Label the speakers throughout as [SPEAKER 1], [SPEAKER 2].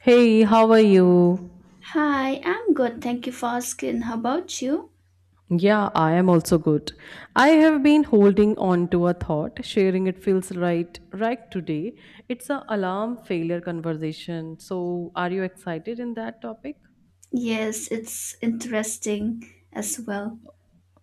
[SPEAKER 1] Hey, how are you?
[SPEAKER 2] Hi, I'm good. Thank you for asking. How about you?
[SPEAKER 1] Yeah, I am also good. I have been holding on to a thought, sharing it feels right today. It's a alarm failure conversation. So, are you excited in that topic?
[SPEAKER 2] Yes, it's interesting as well.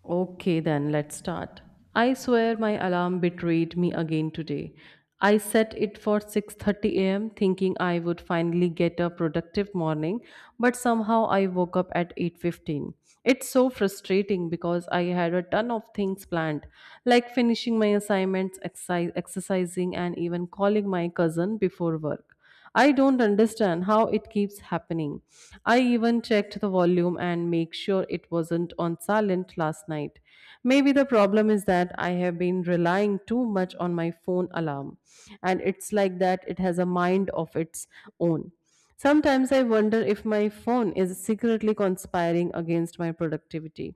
[SPEAKER 1] Okay, then let's start. I swear my alarm betrayed me again today. I set it for 6:30 a.m. thinking I would finally get a productive morning, but somehow I woke up at 8:15. It's so frustrating because I had a ton of things planned, like finishing my assignments, exercise, exercising and even calling my cousin before work. I don't understand how it keeps happening. I even checked the volume and make sure it wasn't on silent last night. Maybe the problem is that I have been relying too much on my phone alarm, and it's like that it has a mind of its own. Sometimes I wonder if my phone is secretly conspiring against my productivity.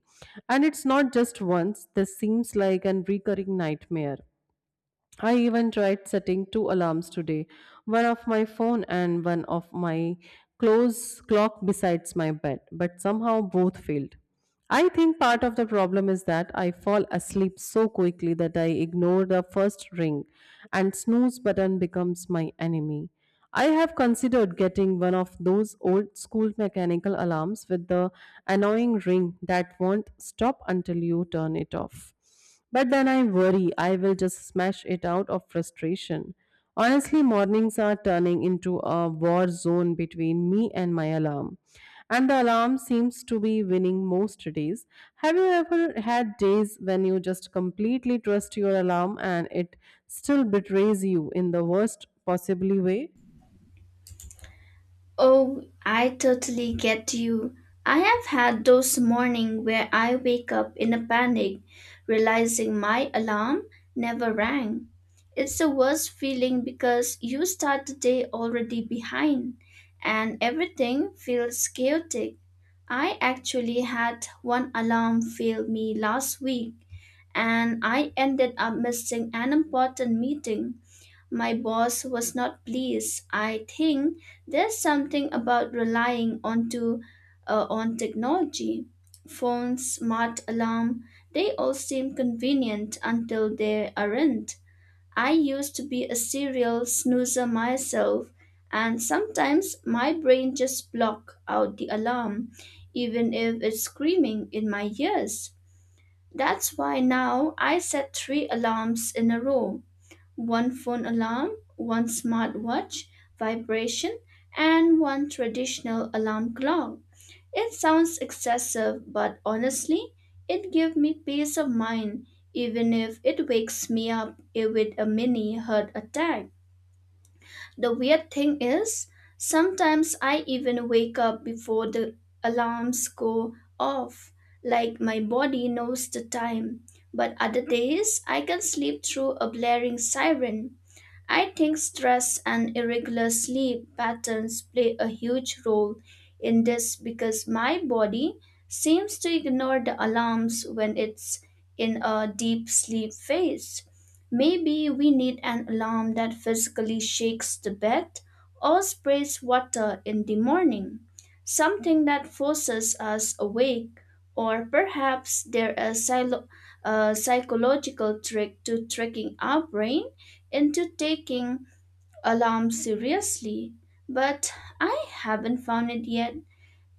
[SPEAKER 1] And it's not just once, this seems like an recurring nightmare. I even tried setting two alarms today, one of my phone and one of my close clock besides my bed, but somehow both failed. I think part of the problem is that I fall asleep so quickly that I ignore the first ring and snooze button becomes my enemy. I have considered getting one of those old school mechanical alarms with the annoying ring that won't stop until you turn it off. But then I worry I will just smash it out of frustration. Honestly, mornings are turning into a war zone between me and my alarm. And the alarm seems to be winning most days. Have you ever had days when you just completely trust your alarm and it still betrays you in the worst possibly way?
[SPEAKER 2] Oh, I totally get you. I have had those morning where I wake up in a panic, realizing my alarm never rang. It's the worst feeling because you start the day already behind and everything feels chaotic. I actually had one alarm fail me last week and I ended up missing an important meeting. My boss was not pleased. I think there's something about relying onto on technology. Phones, smart alarm, they all seem convenient until they aren't. I used to be a serial snoozer myself, and sometimes my brain just block out the alarm, even if it's screaming in my ears. That's why now I set three alarms in a row one phone alarm, one smartwatch vibration, and one traditional alarm clock. It sounds excessive, but honestly, it gives me peace of mind, even if it wakes me up with a mini heart attack. The weird thing is, sometimes I even wake up before the alarms go off, like my body knows the time. But other days, I can sleep through a blaring siren. I think stress and irregular sleep patterns play a huge role in this because my body seems to ignore the alarms when it's in a deep sleep phase. Maybe we need an alarm that physically shakes the bed or sprays water in the morning, something that forces us awake, or perhaps there is a psychological trick to tricking our brain into taking alarm seriously, but I haven't found it yet.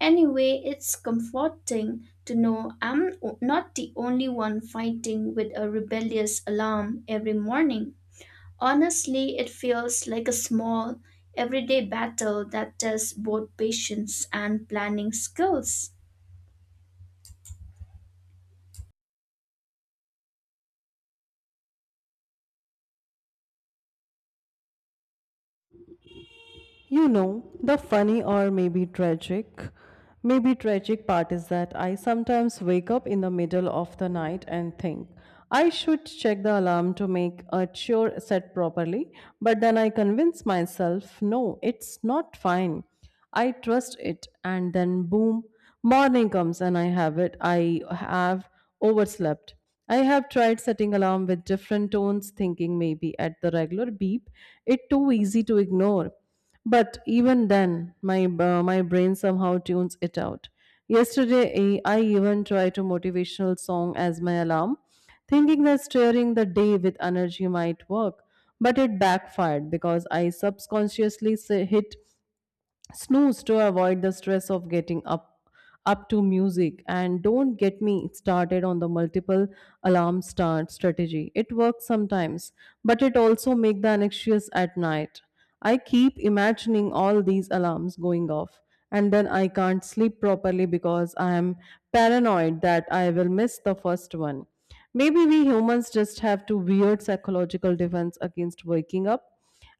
[SPEAKER 2] Anyway, it's comforting to know I'm not the only one fighting with a rebellious alarm every morning. Honestly, it feels like a small, everyday battle that tests both patience and planning skills.
[SPEAKER 1] You know, the funny or maybe tragic part is that I sometimes wake up in the middle of the night and think I should check the alarm to make a sure set properly, but then I convince myself, no, it's not fine. I trust it, and then boom, morning comes and I have it. I have overslept. I have tried setting alarm with different tones, thinking maybe at the regular beep, it too easy to ignore. But even then, my brain somehow tunes it out. Yesterday, I even tried to motivational song as my alarm, thinking that steering the day with energy might work. But it backfired because I subconsciously hit snooze to avoid the stress of getting up to music and don't get me started on the multiple alarm start strategy. It works sometimes, but it also make the anxious at night. I keep imagining all these alarms going off and then I can't sleep properly because I am paranoid that I will miss the first one. Maybe we humans just have to weird psychological defense against waking up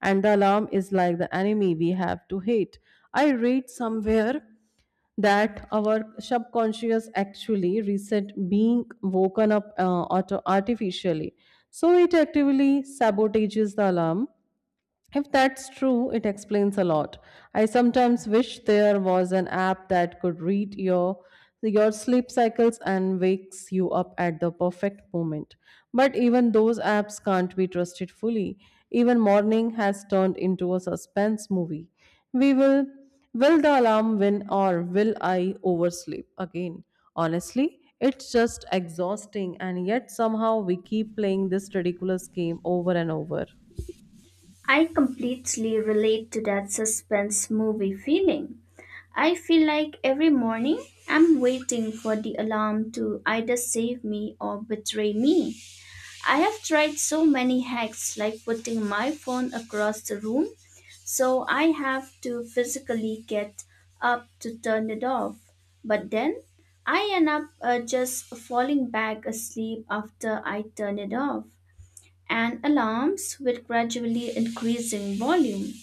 [SPEAKER 1] and the alarm is like the enemy we have to hate. I read somewhere that our subconscious actually reset being woken up artificially. So it actively sabotages the alarm. If that's true, it explains a lot. I sometimes wish there was an app that could read your sleep cycles and wakes you up at the perfect moment. But even those apps can't be trusted fully. Even morning has turned into a suspense movie. We Will the alarm win or will I oversleep again? Honestly, it's just exhausting and yet somehow we keep playing this ridiculous game over and over.
[SPEAKER 2] I completely relate to that suspense movie feeling. I feel like every morning I'm waiting for the alarm to either save me or betray me. I have tried so many hacks like putting my phone across the room so I have to physically get up to turn it off. But then I end up just falling back asleep after I turn it off and alarms with gradually increasing volume.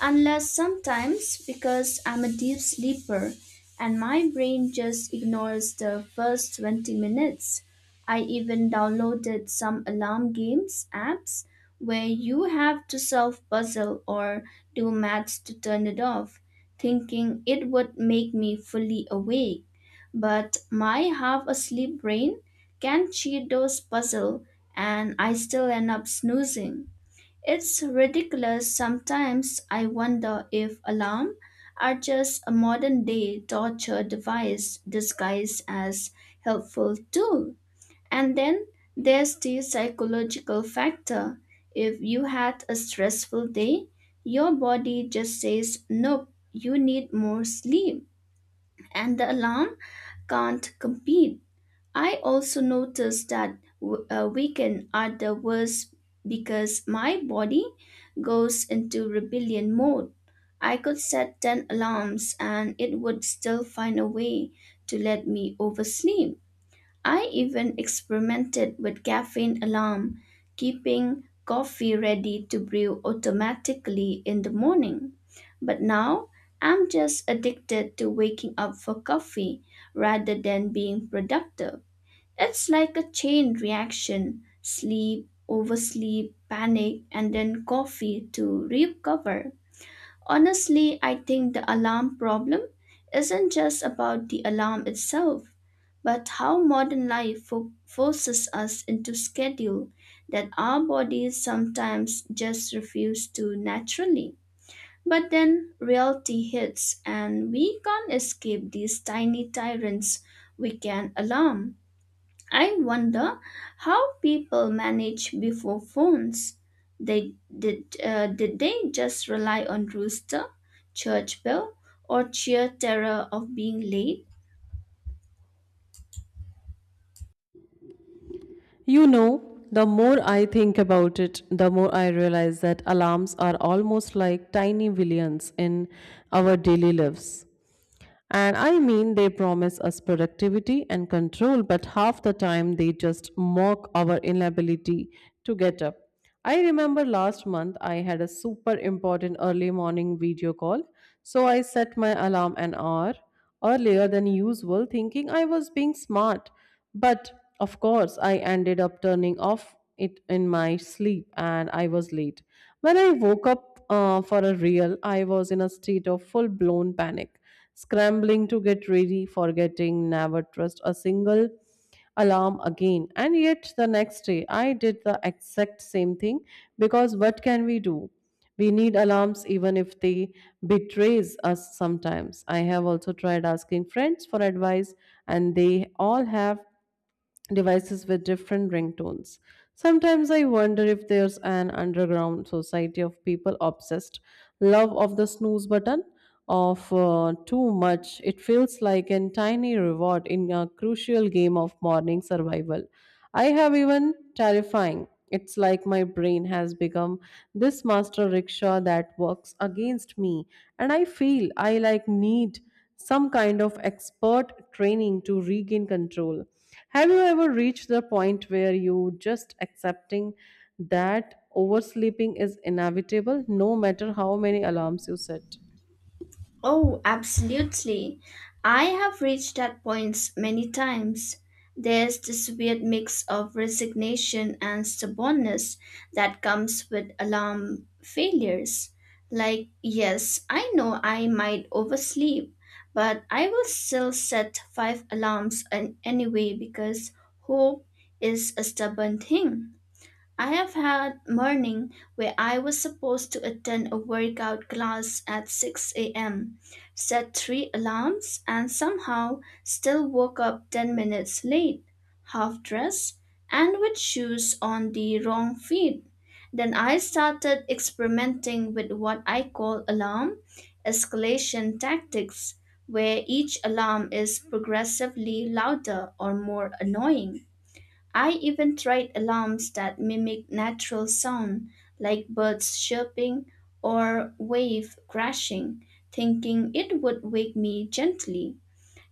[SPEAKER 2] Unless sometimes because I'm a deep sleeper and my brain just ignores the first 20 minutes. I even downloaded some alarm games apps where you have to solve puzzle or do maths to turn it off, thinking it would make me fully awake. But my half asleep brain can cheat those puzzle and I still end up snoozing. It's ridiculous. Sometimes I wonder if alarm are just a modern day torture device disguised as helpful tool. And then there's the psychological factor. If you had a stressful day, your body just says, nope, you need more sleep, and the alarm can't compete. I also noticed that weekend are the worst because my body goes into rebellion mode. I could set 10 alarms and it would still find a way to let me oversleep. I even experimented with caffeine alarm, keeping coffee ready to brew automatically in the morning. But now I'm just addicted to waking up for coffee rather than being productive. It's like a chain reaction sleep, oversleep, panic, and then coffee to recover. Honestly, I think the alarm problem isn't just about the alarm itself, but how modern life forces us into schedule that our bodies sometimes just refuse to naturally. But then reality hits, and we can't escape these tiny tyrants we can alarm. I wonder how people managed before phones. They did they just rely on rooster, church bell, or sheer terror of being late?
[SPEAKER 1] You know, the more I think about it, the more I realize that alarms are almost like tiny villains in our daily lives. And I mean, they promise us productivity and control, but half the time they just mock our inability to get up. I remember last month I had a super important early morning video call, so I set my alarm an hour earlier than usual, thinking I was being smart. But of course, I ended up turning off it in my sleep and I was late. When I woke up for a real, I was in a state of full blown panic, scrambling to get ready, forgetting never trust a single alarm again. And yet the next day, I did the exact same thing because what can we do? We need alarms even if they betrays us sometimes. I have also tried asking friends for advice and they all have devices with different ringtones. Sometimes I wonder if there's an underground society of people obsessed love of the snooze button of too much. It feels like a tiny reward in a crucial game of morning survival. I have even terrifying. It's like my brain has become this master rickshaw that works against me and I feel I like need some kind of expert training to regain control. Have you ever reached the point where you just accepting that oversleeping is inevitable no matter how many alarms you set?
[SPEAKER 2] Oh, absolutely. I have reached that point many times. There's this weird mix of resignation and stubbornness that comes with alarm failures. Like, yes, I know I might oversleep, but I will still set five alarms anyway because hope is a stubborn thing. I have had morning where I was supposed to attend a workout class at 6 a.m., set three alarms, and somehow still woke up 10 minutes late, half dressed, and with shoes on the wrong feet. Then I started experimenting with what I call alarm escalation tactics, where each alarm is progressively louder or more annoying. I even tried alarms that mimic natural sound, like birds chirping or waves crashing, thinking it would wake me gently.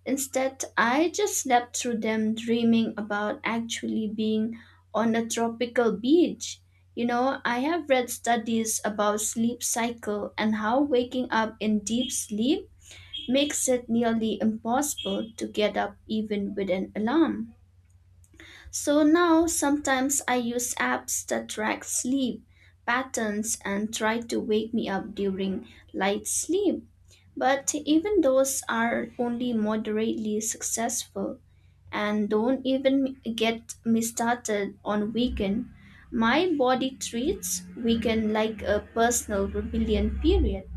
[SPEAKER 2] Instead, I just slept through them, dreaming about actually being on a tropical beach. You know, I have read studies about sleep cycle and how waking up in deep sleep makes it nearly impossible to get up even with an alarm. So now sometimes I use apps that track sleep patterns and try to wake me up during light sleep. But even those are only moderately successful and don't even get me started on weekend. My body treats weekend like a personal rebellion period.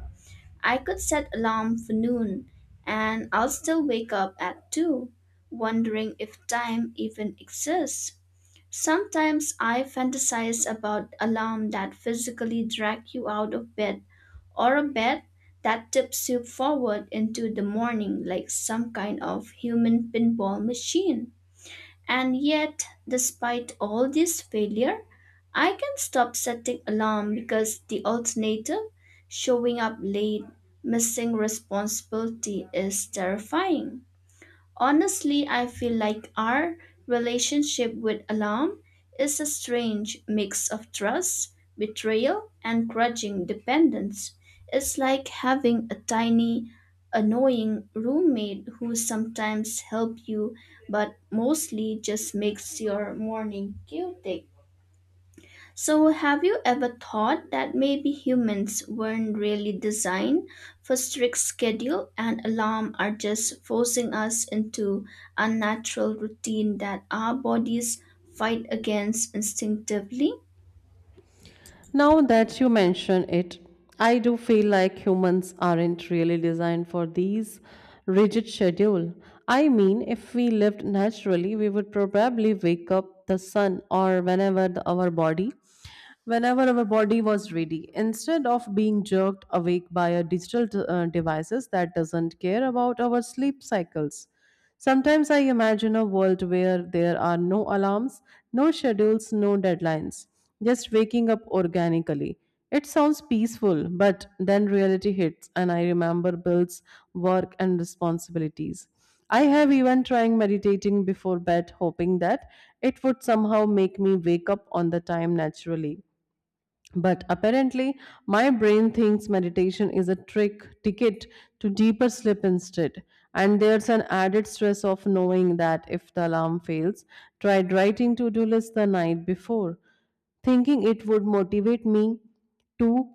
[SPEAKER 2] I could set alarm for noon and I'll still wake up at 2, wondering if time even exists. Sometimes I fantasize about alarm that physically drag you out of bed or a bed that tips you forward into the morning like some kind of human pinball machine. And yet, despite all this failure, I can stop setting alarm because the alternative, showing up late, missing responsibility is terrifying. Honestly, I feel like our relationship with alarm is a strange mix of trust, betrayal, and grudging dependence. It's like having a tiny, annoying roommate who sometimes helps you but mostly just makes your morning chaotic. So, have you ever thought that maybe humans weren't really designed for strict schedule and alarm are just forcing us into unnatural routine that our bodies fight against instinctively?
[SPEAKER 1] Now that you mention it, I do feel like humans aren't really designed for these rigid schedule. I mean, if we lived naturally, we would probably wake up the sun or whenever the, our body whenever our body was ready instead of being jerked awake by a digital devices that doesn't care about our sleep cycles. Sometimes I imagine a world where there are no alarms, no schedules, no deadlines, just waking up organically. It sounds peaceful, but then reality hits and I remember bills, work, and responsibilities. I have even tried meditating before bed, hoping that it would somehow make me wake up on the time naturally. But apparently, my brain thinks meditation is a trick ticket to deeper sleep instead. And there's an added stress of knowing that if the alarm fails, tried writing to do list the night before, thinking it would motivate me to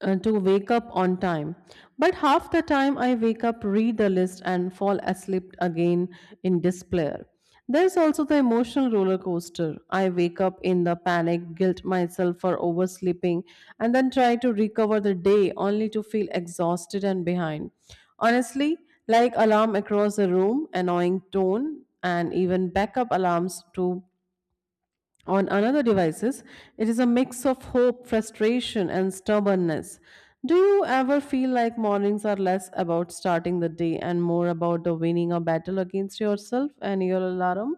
[SPEAKER 1] to wake up on time. But half the time I wake up, read the list, and fall asleep again in despair. There's also the emotional roller coaster. I wake up in the panic, guilt myself for oversleeping, and then try to recover the day only to feel exhausted and behind. Honestly, like alarm across the room, annoying tone, and even backup alarms to on another devices, it is a mix of hope, frustration, and stubbornness. Do you ever feel like mornings are less about starting the day and more about the winning a battle against yourself and your alarm?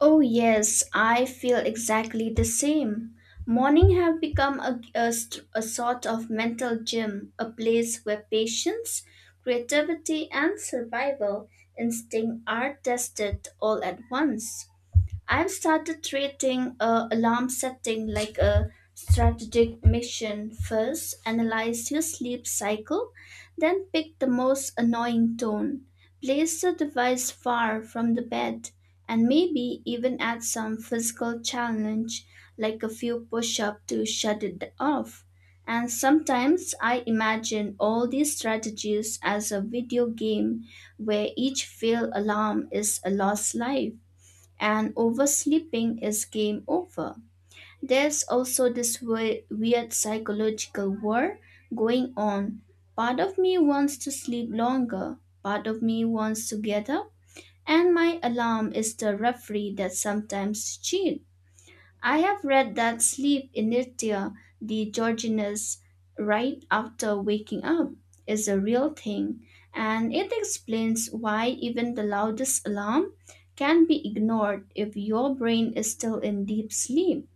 [SPEAKER 2] Oh, yes, I feel exactly the same. Morning have become a sort of mental gym, a place where patience, creativity, and survival instinct are tested all at once. I've started treating alarm setting like a strategic mission. First, analyze your sleep cycle, then pick the most annoying tone. Place the device far from the bed, and maybe even add some physical challenge like a few push ups to shut it off. And sometimes I imagine all these strategies as a video game where each failed alarm is a lost life and oversleeping is game over. There's also this weird psychological war going on. Part of me wants to sleep longer, part of me wants to get up, and my alarm is the referee that sometimes cheats. I have read that sleep inertia, the grogginess right after waking up, is a real thing, and it explains why even the loudest alarm can be ignored if your brain is still in deep sleep.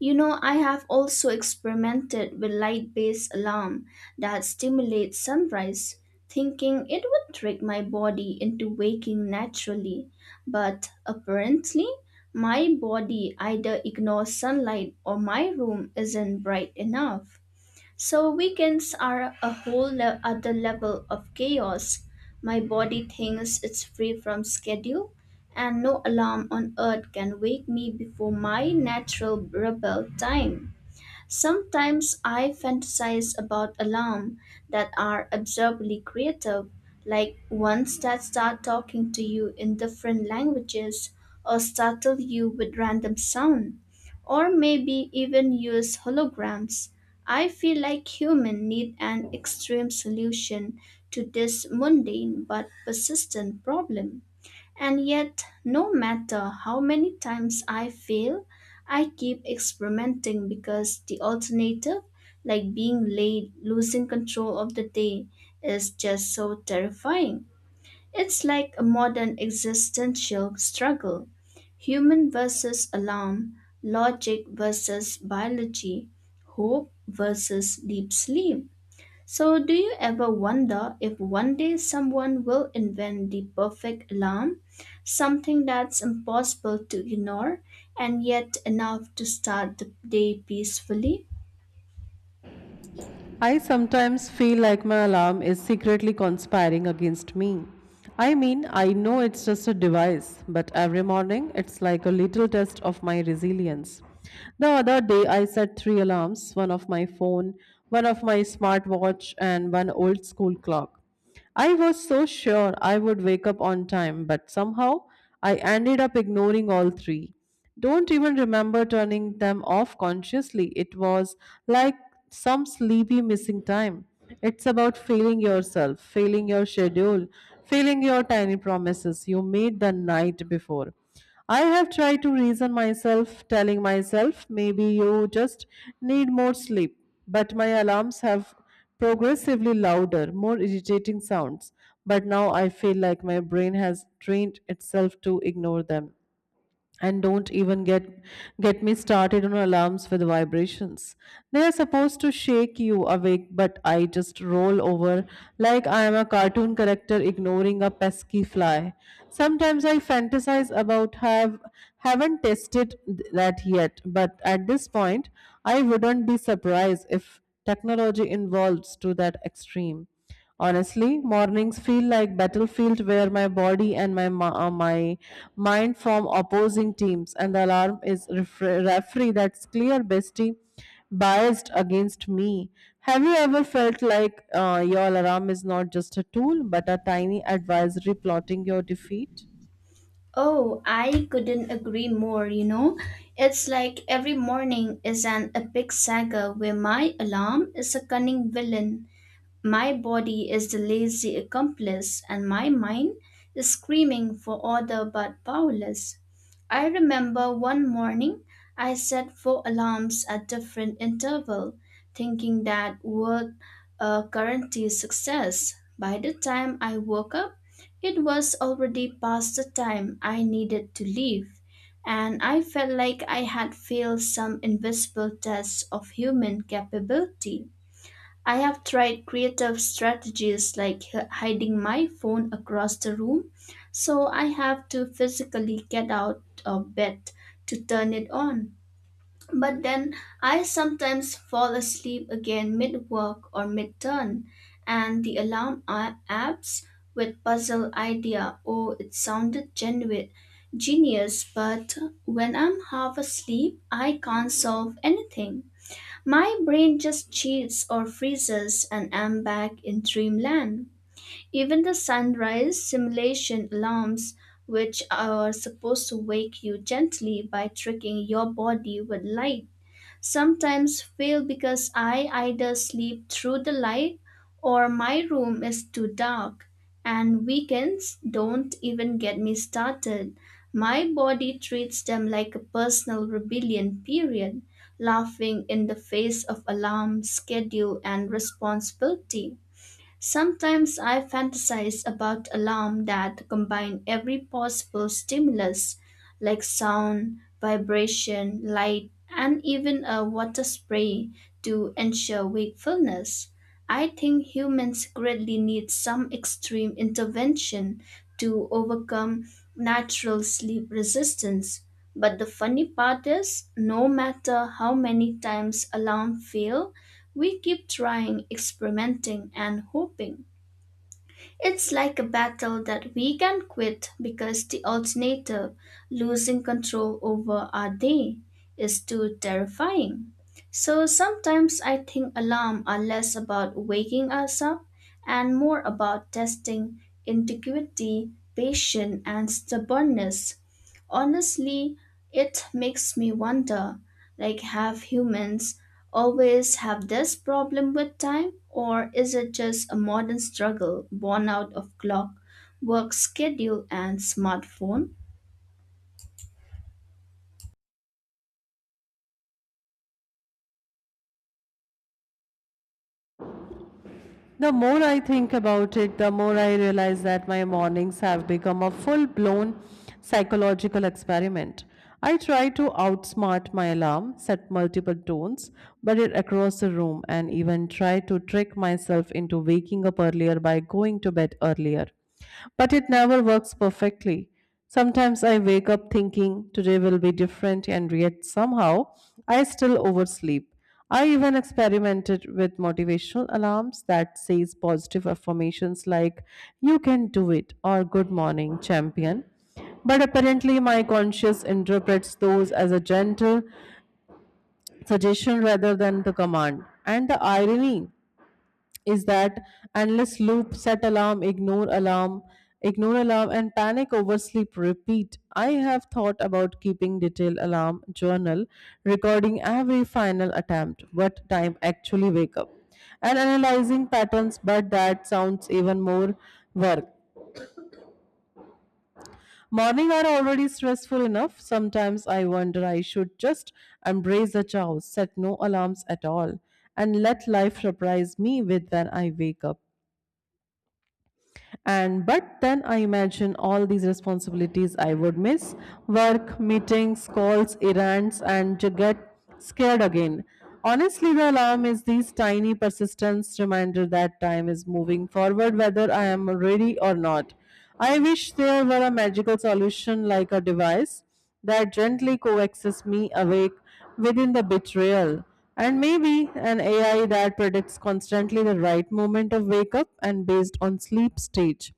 [SPEAKER 2] You know, I have also experimented with light based alarm that stimulates sunrise, thinking it would trick my body into waking naturally. But apparently, my body either ignores sunlight or my room isn't bright enough. So weekends are a whole other level of chaos. My body thinks it's free from schedule, and no alarm on earth can wake me before my natural rebel time. Sometimes I fantasize about alarms that are absurdly creative, like ones that start talking to you in different languages or startle you with random sound, or maybe even use holograms. I feel like humans need an extreme solution to this mundane but persistent problem. And yet, no matter how many times I fail, I keep experimenting because the alternative, like being late, losing control of the day, is just so terrifying. It's like a modern existential struggle human versus alarm, logic versus biology, hope versus deep sleep. So, do you ever wonder if one day someone will invent the perfect alarm? Something that's impossible to ignore and yet enough to start the day peacefully?
[SPEAKER 1] I sometimes feel like my alarm is secretly conspiring against me. I mean, I know it's just a device, but every morning it's like a little test of my resilience. The other day I set three alarms, one of my phone, one of my smartwatch, and one old school clock. I was so sure I would wake up on time, but somehow I ended up ignoring all three. Don't even remember turning them off consciously. It was like some sleepy missing time. It's about failing yourself, failing your schedule, failing your tiny promises you made the night before. I have tried to reason myself, telling myself maybe you just need more sleep. But my alarms have progressively louder, more irritating sounds, but now I feel like my brain has trained itself to ignore them and don't even get me started on alarms with vibrations. They are supposed to shake you awake but I just roll over like I am a cartoon character ignoring a pesky fly. Sometimes I fantasize about have haven't tested that yet, but at this point I wouldn't be surprised if technology involves to that extreme. Honestly, mornings feel like battlefield where my body and my mind form opposing teams, and the alarm is referee that's clear bestie biased against me. Have you ever felt like your alarm is not just a tool but a tiny advisory plotting your defeat?
[SPEAKER 2] Oh, I couldn't agree more, you know. It's like every morning is an epic saga where my alarm is a cunning villain, my body is the lazy accomplice, and my mind is screaming for order but powerless. I remember one morning I set four alarms at different intervals, thinking that would guarantee success. By the time I woke up, it was already past the time I needed to leave, and I felt like I had failed some invisible test of human capability. I have tried creative strategies like hiding my phone across the room, so I have to physically get out of bed to turn it on. But then I sometimes fall asleep again mid work or mid turn, and the alarm apps with puzzle idea. Oh, it sounded genius, but when I'm half asleep, I can't solve anything. My brain just chills or freezes and I'm back in dreamland. Even the sunrise simulation alarms, which are supposed to wake you gently by tricking your body with light, sometimes fail because I either sleep through the light or my room is too dark. And weekends don't even get me started. My body treats them like a personal rebellion period, laughing in the face of alarm, schedule, and responsibility. Sometimes I fantasize about alarms that combine every possible stimulus, like sound, vibration, light, and even a water spray, to ensure wakefulness. I think humans greatly need some extreme intervention to overcome natural sleep resistance. But the funny part is, no matter how many times alarm fail, we keep trying, experimenting, and hoping. It's like a battle that we can't quit because the alternative, losing control over our day, is too terrifying. So sometimes I think alarms are less about waking us up and more about testing integrity, patience, and stubbornness. Honestly, it makes me wonder like, have humans always have this problem with time, or is it just a modern struggle born out of clock, work schedule, and smartphone?
[SPEAKER 1] The more I think about it, the more I realize that my mornings have become a full blown psychological experiment. I try to outsmart my alarm, set multiple tones, but it across the room, and even try to trick myself into waking up earlier by going to bed earlier. But it never works perfectly. Sometimes I wake up thinking today will be different, and yet somehow I still oversleep. I even experimented with motivational alarms that says positive affirmations like you can do it or good morning champion. But apparently my conscious interprets those as a gentle suggestion rather than the command. And the irony is that endless loop set alarm ignore alarm ignore alarm and panic over sleep repeat. I have thought about keeping detailed alarm journal, recording every final attempt, what time actually wake up, and analyzing patterns, but that sounds even more work. Morning are already stressful enough. Sometimes I wonder I should just embrace the chaos, set no alarms at all, and let life surprise me with when I wake up. And but then I imagine all these responsibilities I would miss, work meetings, calls, errands, and to get scared again. Honestly, the alarm is these tiny persistence reminder that time is moving forward whether I am ready or not. I wish there were a magical solution like a device that gently coaxes me awake within the betrayal, and maybe an AI that predicts constantly the right moment of wake up and based on sleep stage.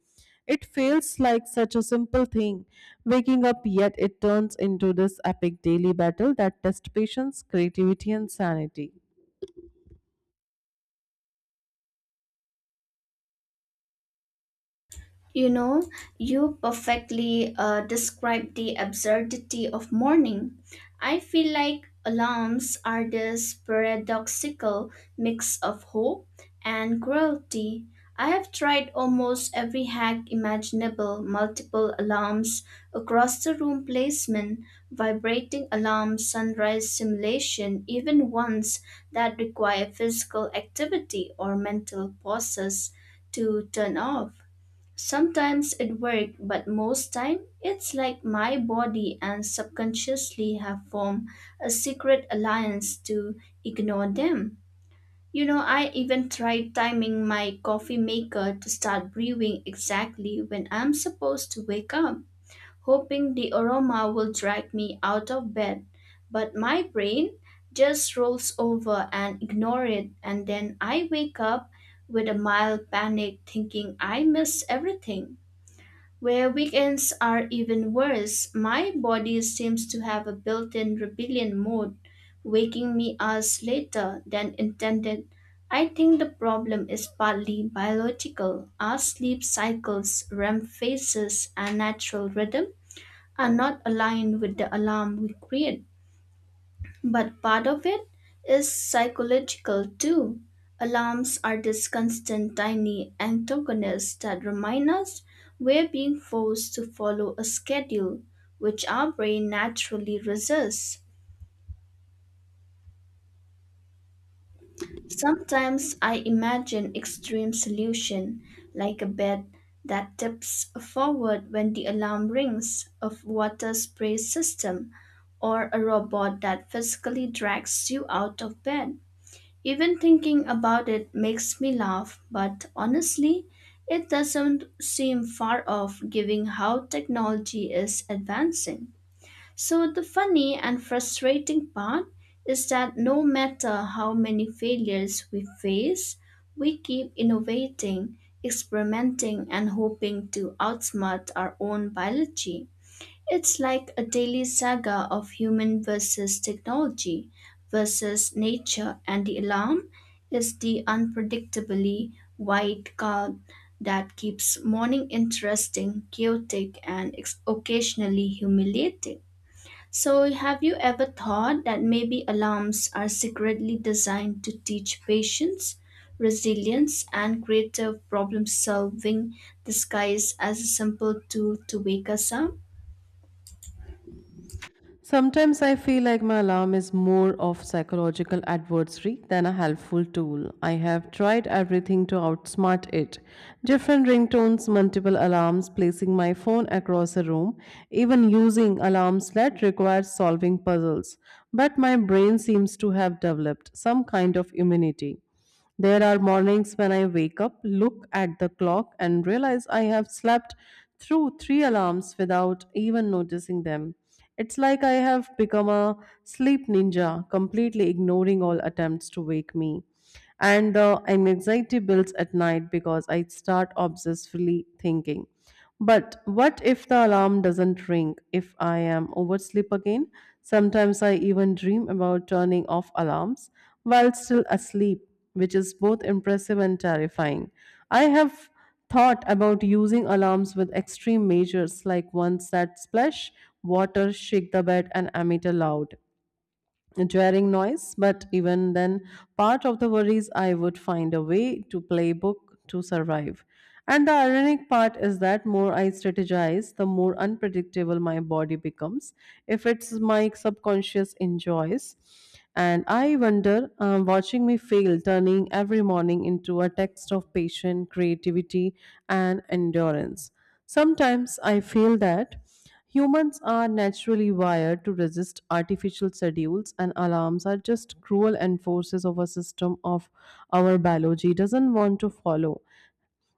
[SPEAKER 1] It feels like such a simple thing, waking up, yet it turns into this epic daily battle that tests patience, creativity, and sanity.
[SPEAKER 2] You know, you perfectly described the absurdity of morning. I feel like alarms are this paradoxical mix of hope and cruelty. I have tried almost every hack imaginable multiple alarms, across the room placement, vibrating alarm, sunrise simulation, even ones that require physical activity or mental pauses to turn off. Sometimes it works, but most time it's like my body and subconsciously have formed a secret alliance to ignore them. You know, I even tried timing my coffee maker to start brewing exactly when I'm supposed to wake up, hoping the aroma will drag me out of bed. But my brain just rolls over and ignore it, and then I wake up with a mild panic thinking I missed everything. Where weekends are even worse, my body seems to have a built in rebellion mode, waking me hours later than intended. I think the problem is partly biological. Our sleep cycles, REM phases, and natural rhythm are not aligned with the alarm we create. But part of it is psychological too. Alarms are these constant tiny antagonists that remind us we're being forced to follow a schedule, which our brain naturally resists. Sometimes I imagine extreme solution, like a bed that tips forward when the alarm rings, a water spray system, or a robot that physically drags you out of bed. Even thinking about it makes me laugh, but honestly, it doesn't seem far off given how technology is advancing. So, the funny and frustrating part is that no matter how many failures we face, we keep innovating, experimenting, and hoping to outsmart our own biology. It's like a daily saga of human versus technology versus nature, and the alarm is the unpredictably white card that keeps morning interesting, chaotic, and occasionally humiliating. So, have you ever thought that maybe alarms are secretly designed to teach patience, resilience, and creative problem solving disguised as a simple tool to wake us up?
[SPEAKER 1] Sometimes I feel like my alarm is more of psychological adversary than a helpful tool. I have tried everything to outsmart it. Different ringtones, multiple alarms, placing my phone across a room, even using alarms that require solving puzzles. But my brain seems to have developed some kind of immunity. There are mornings when I wake up, look at the clock, and realize I have slept through three alarms without even noticing them. It's like I have become a sleep ninja, completely ignoring all attempts to wake me. And the anxiety builds at night because I start obsessively thinking. But what if the alarm doesn't ring? If I am oversleep again? Sometimes I even dream about turning off alarms while still asleep, which is both impressive and terrifying. I have thought about using alarms with extreme measures like ones that splash water, shake the bed, and emit a loud jarring noise, but even then, part of the worries I would find a way to play book to survive. And the ironic part is that more I strategize, the more unpredictable my body becomes. If it's my subconscious enjoys, and I wonder, watching me fail, turning every morning into a text of patience, creativity, and endurance. Sometimes I feel that humans are naturally wired to resist artificial schedules, and alarms are just cruel enforcers of a system of our biology doesn't want to follow.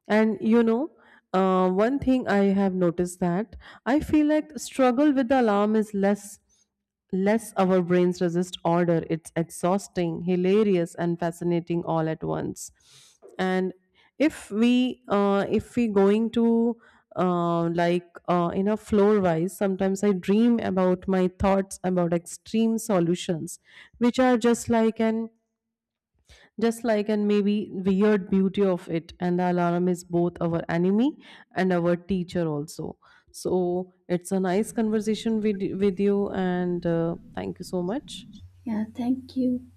[SPEAKER 1] And you know, one thing I have noticed that I feel like struggle with the alarm is less our brains resist order. It's exhausting, hilarious, and fascinating all at once. And if we going to like in a floor wise, sometimes I dream about my thoughts about extreme solutions, which are just like an just like and maybe weird beauty of it and the alarm is both our enemy and our teacher also. So it's a nice conversation with you and thank you so much.
[SPEAKER 2] Yeah, thank you.